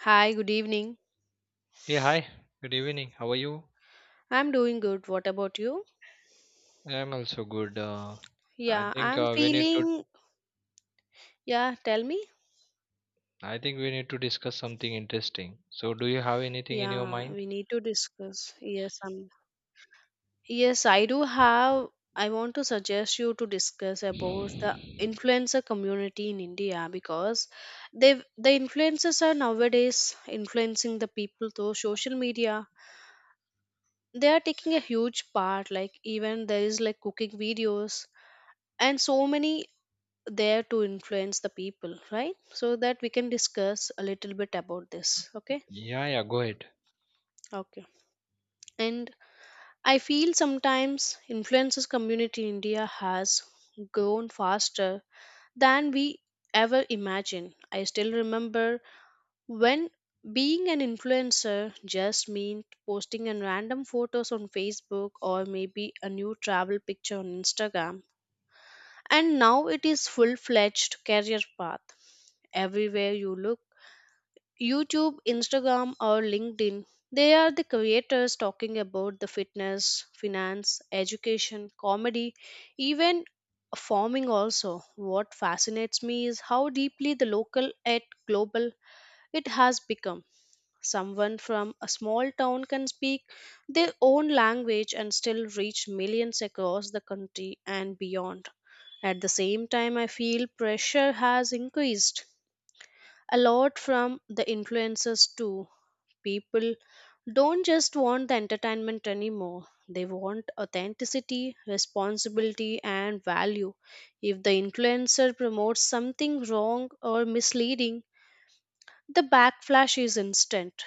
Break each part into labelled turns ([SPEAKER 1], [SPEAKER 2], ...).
[SPEAKER 1] Hi, good evening.
[SPEAKER 2] Hey, hi. Good evening. How are you?
[SPEAKER 1] I'm doing good. What about you?
[SPEAKER 2] I'm also good. I
[SPEAKER 1] Yeah,
[SPEAKER 2] think
[SPEAKER 1] I'm
[SPEAKER 2] we need to.
[SPEAKER 1] feeling. Yeah, tell me.
[SPEAKER 2] I think we need to discuss something interesting. So, do you have anything in your
[SPEAKER 1] Yeah,
[SPEAKER 2] mind?
[SPEAKER 1] we need to discuss. Yes, I'm. Yes, I do have. I want to suggest you to discuss about the
[SPEAKER 2] Yeah,
[SPEAKER 1] influencer community in India because the influencers are nowadays influencing the people through social media. They are taking a huge part. Like even there is like cooking videos and so many there to influence the people, right? So that we can discuss a little bit about this, okay?
[SPEAKER 2] yeah. Go ahead.
[SPEAKER 1] Okay, and I feel sometimes influencers community in India has grown faster than we ever imagined. I still remember when being an influencer just meant posting a random photos on Facebook or maybe a new travel picture on Instagram, and now it is full fledged career path. Everywhere you look, YouTube, Instagram, or LinkedIn. They are the creators talking about the fitness, finance, education, comedy, even farming also. What fascinates me is how deeply the local at global it has become. Someone from a small town can speak their own language and still reach millions across the country and beyond. At the same time, I feel pressure has increased a lot from the influencers too. People don't just want the entertainment anymore. They want authenticity, responsibility, and value. If the influencer promotes something wrong or misleading, the backlash is instant.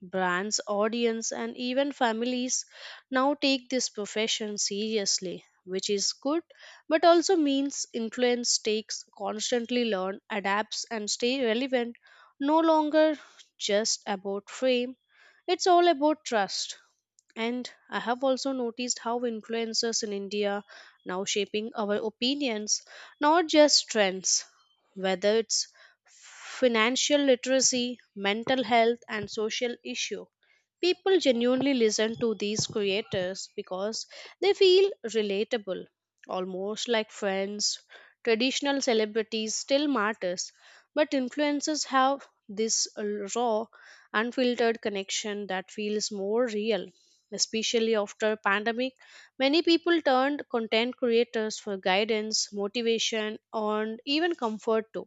[SPEAKER 1] Brands, audience, and even families now take this profession seriously, which is good, but also means influence takes constantly learn, adapts, and stay relevant. No longer just about fame, it's all about trust. And I have also noticed how influencers in India now shaping our opinions, not just trends. Whether it's financial literacy, mental health, and social issue. People genuinely listen to these creators because they feel relatable, almost like friends. Traditional celebrities still matters, but influencers have this raw, unfiltered connection that feels more real. Especially after pandemic, many people turned content creators for guidance, motivation, and even comfort too.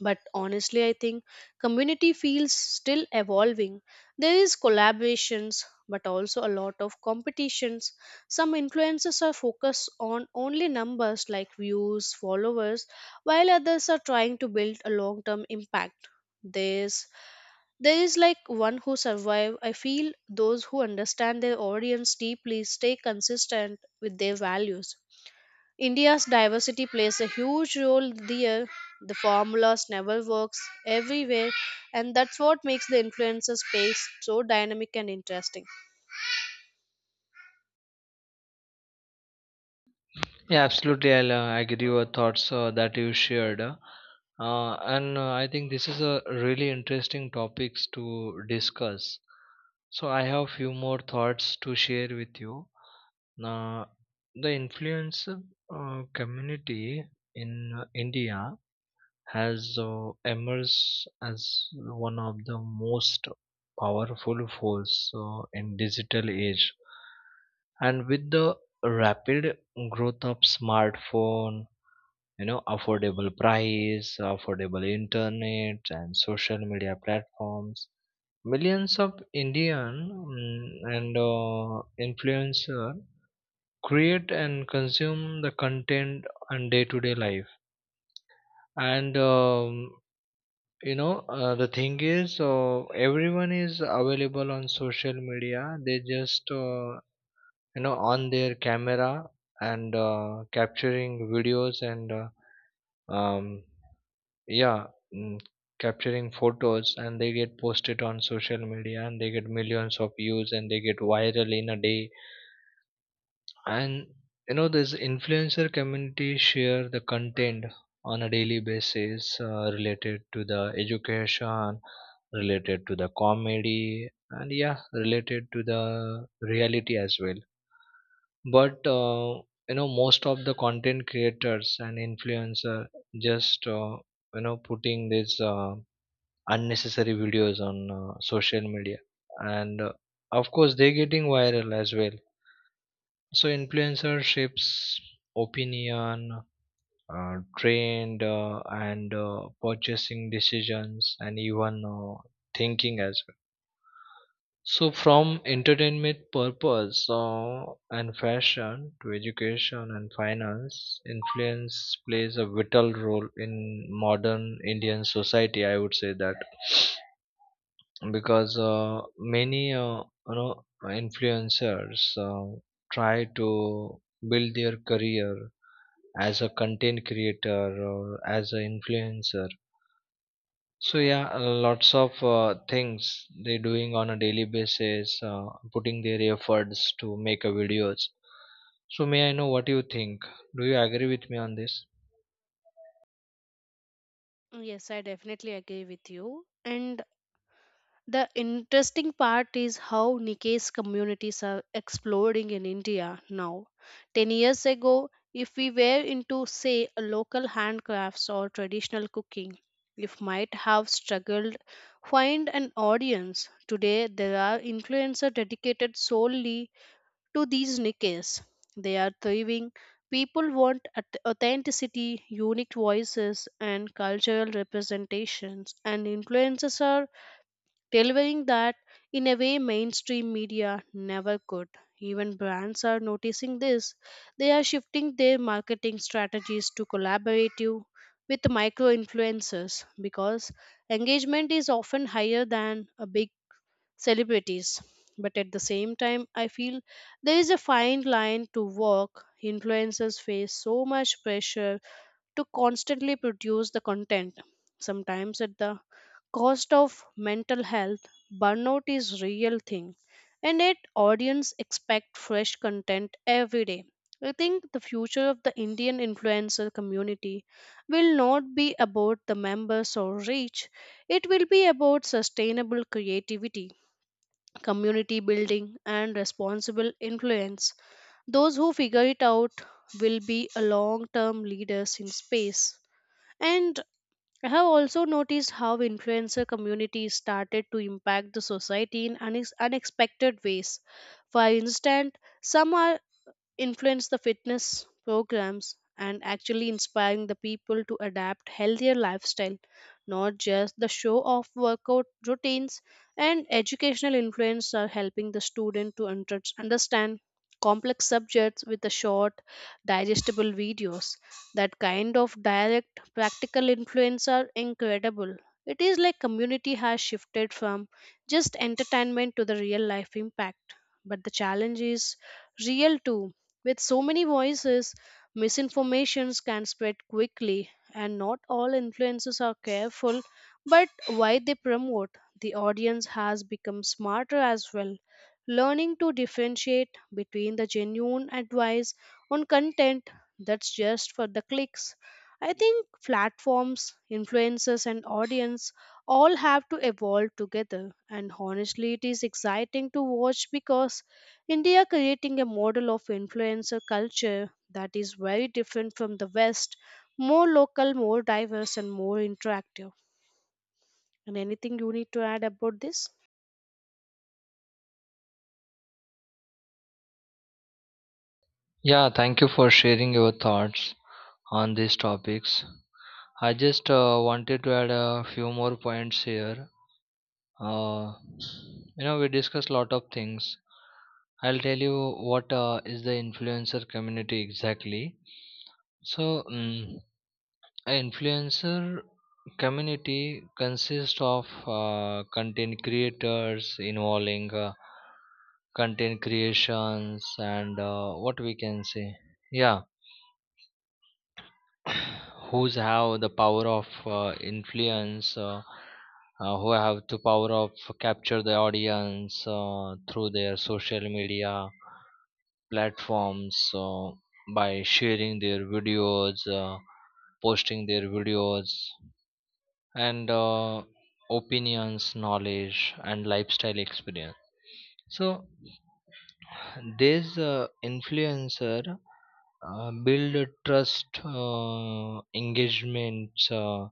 [SPEAKER 1] But honestly I think community feels still evolving. There is collaborations but also a lot of competitions. Some influencers are focused on only numbers like views, followers, while others are trying to build a long term impact. There's there is like one who survive. I feel those who understand their audience deeply stay consistent with their values. India's diversity plays a huge role there. The formulas never works everywhere, and that's what makes the influencer space so dynamic and interesting.
[SPEAKER 2] Yeah, absolutely. I'll agree your thoughts that you shared. And I think this is a really interesting topics to discuss. So, I have few more thoughts to share with you. Now, the influencer community in India has emerged as one of the most powerful force in digital age. And with the rapid growth of smartphone, you know, affordable price, affordable internet, and social media platforms, millions of Indian and influencer create and consume the content on day to day life. And the thing is everyone is available on social media. They just on their camera and capturing videos and um, yeah mm, capturing photos, and they get posted on social media and they get millions of views and they get viral in a day. And this influencer community share the content on a daily basis related to the education, related to the comedy, and yeah, related to the reality as well. But most of the content creators and influencer just putting these unnecessary videos on social media, and of course they're getting viral as well. So influencer shapes opinion, trend, and purchasing decisions, and even thinking as well. So from entertainment purpose and fashion to education and finance, influence plays a vital role in modern Indian society, I would say that, because many you know influencers uh, try to build their career as a content creator or as an influencer. So yeah, lots of things they're doing on a daily basis, putting their efforts to make a videos. So may I know what you think? Do you agree with me on this?
[SPEAKER 1] Yes, I definitely agree with you. And the interesting part is how Nikay's communities are exploding in India now. 10 years ago, if we were into, say, a local handcrafts or traditional cooking, we might have struggled find an audience. Today, there are influencers dedicated solely to these Nikays. They are thriving. People want authenticity, unique voices, and cultural representations, and influencers are delivering that in a way mainstream media never could. Even brands are noticing this. They are shifting their marketing strategies to collaborative with micro influencers because engagement is often higher than a big celebrities. But at the same time, I feel there is a fine line to walk. Influencers face so much pressure to constantly produce the content, sometimes at the cost of mental health. Burnout is real thing, and yet audience expect fresh content every day. I think the future of the Indian influencer community will not be about the members or reach. It will be about sustainable creativity, community building, and responsible influence. Those who figure it out will be a long term leaders in space. And I have also noticed how influencer communities started to impact the society in unexpected ways. For instance, some are influence the fitness programs and actually inspiring the people to adapt healthier lifestyle, not just the show off workout routines, and educational influence are helping the student to understand complex subjects with the short digestible videos. That kind of direct practical influence are incredible. It is like community has shifted from just entertainment to the real life impact. But the challenge is real too. With so many voices, misinformations can spread quickly, and not all influencers are careful but why they promote. The audience has become smarter as well, learning to differentiate between the genuine advice on content that's just for the clicks. I think platforms, influencers, and audience all have to evolve together. And honestly, it is exciting to watch because India creating a model of influencer culture that is very different from the West, more local, more diverse, and more interactive. And anything you need to add about this?
[SPEAKER 2] Yeah, thank you for sharing your thoughts on these topics. I just wanted to add a few more points here. Uh, you know, we discussed a lot of things. I'll tell you what is the influencer community exactly. So, a influencer community consists of content creators involving content creations and what we can say. Yeah. Who's have the power of influence, who have the power of capture the audience through their social media platforms by sharing their videos, posting their videos, and opinions, knowledge, and lifestyle experience. So this influencer build a trust, engagements, uh,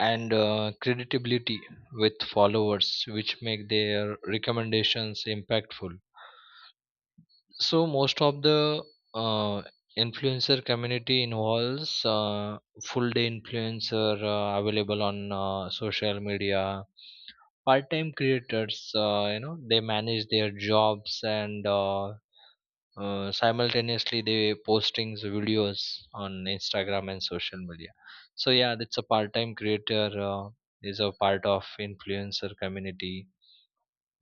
[SPEAKER 2] and uh, credibility with followers, which make their recommendations impactful. So most of the uh, influencer community involves full day influencer available on social media, part time creators they manage their jobs, and simultaneously they postings videos on Instagram and social media. So yeah, that's a part-time creator is a part of influencer community.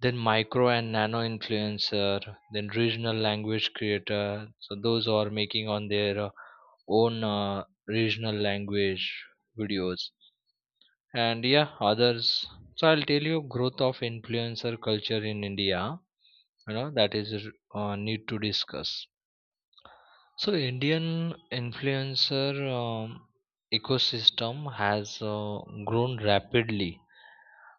[SPEAKER 2] Then micro and nano influencer, then regional language creator. So those are making on their own regional language videos and yeah, others. So I'll tell you growth of influencer culture in India. You know that is need to discuss. So Indian influencer ecosystem has grown rapidly.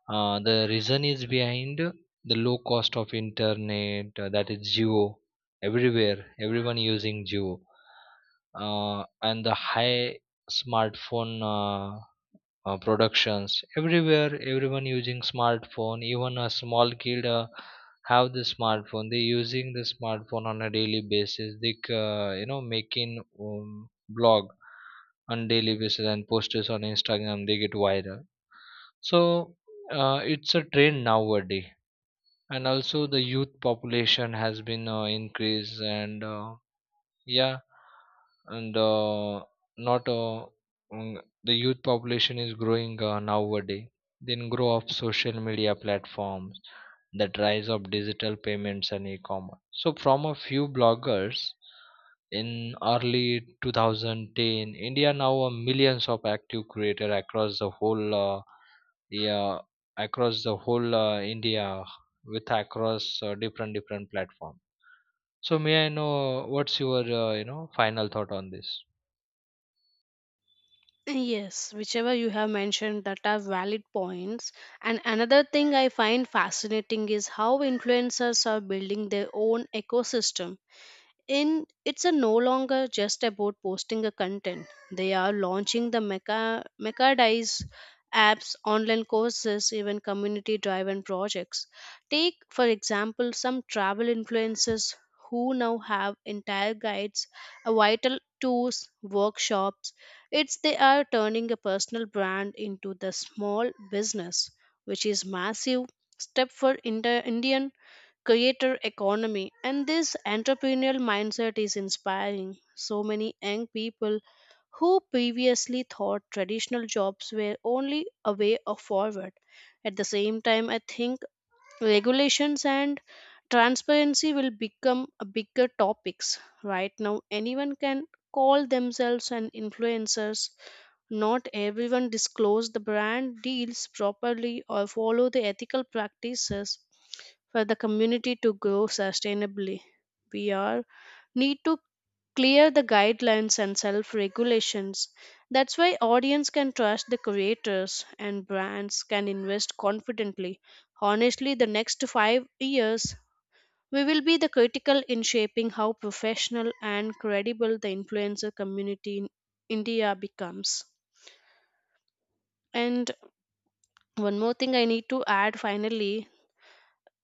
[SPEAKER 2] The reason is behind the low cost of internet, that is Geo, everywhere, everyone using Geo, and the high smartphone productions, everywhere everyone using smartphone, even a small kid have the smartphone, they using the smartphone on a daily basis, they making blog on daily basis and post it on Instagram, they get viral. So it's a trend nowadays. And also the youth population has been increased, and yeah, and not mm, the youth population is growing nowadays. Then grow of social media platforms, that rise of digital payments and e-commerce. So from a few bloggers in early 2010, India now a millions of active creator yeah across the whole India, with across different different platform. So may I know what's your final thought on this?
[SPEAKER 1] Yes, whichever you have mentioned that are valid points. And another thing I find fascinating is how influencers are building their own ecosystem in it's a no longer just about posting a content. They are launching the mechanize apps, online courses, even community driven projects. Take for example some travel influencers who now have entire guides, a vital tours, workshops. It's they are turning a personal brand into the small business, which is massive step for Indian creator economy, and this entrepreneurial mindset is inspiring so many young people who previously thought traditional jobs were only a way of forward. At the same time, I think regulations and transparency will become a bigger topics. Right now anyone can call themselves an influencers. Not everyone disclose the brand deals properly or follow the ethical practices. For the community to grow sustainably, we are need to clear the guidelines and self regulations. That's why audience can trust the creators and brands can invest confidently. Honestly, the next 5 years we will be the critical in shaping how professional and credible the influencer community in India becomes. And one more thing I need to add finally.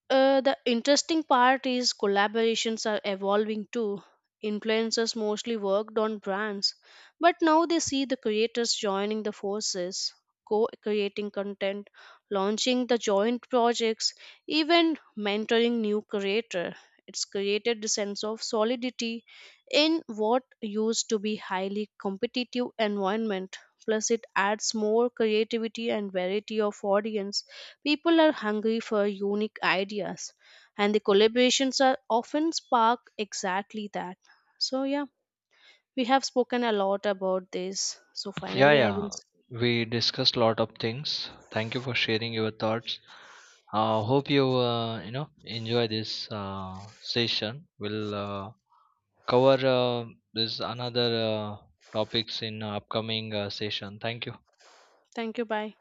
[SPEAKER 1] The interesting part is collaborations are evolving too. Influencers mostly worked on brands, but now they see the creators joining the forces, co creating content, launching the joint projects, even mentoring new creator. It's created a sense of solidity in what used to be highly competitive environment. Plus, it adds more creativity and variety of audience. People are hungry for unique ideas, and the collaborations are often spark exactly that. So, yeah, we have spoken a lot about this. So,
[SPEAKER 2] Yeah,
[SPEAKER 1] finally, I will.
[SPEAKER 2] yeah. We discussed a lot of things. Thank you for sharing your thoughts. Hope you you know enjoy this session. We'll cover this another topics in upcoming session. Thank you.
[SPEAKER 1] Thank you. Bye.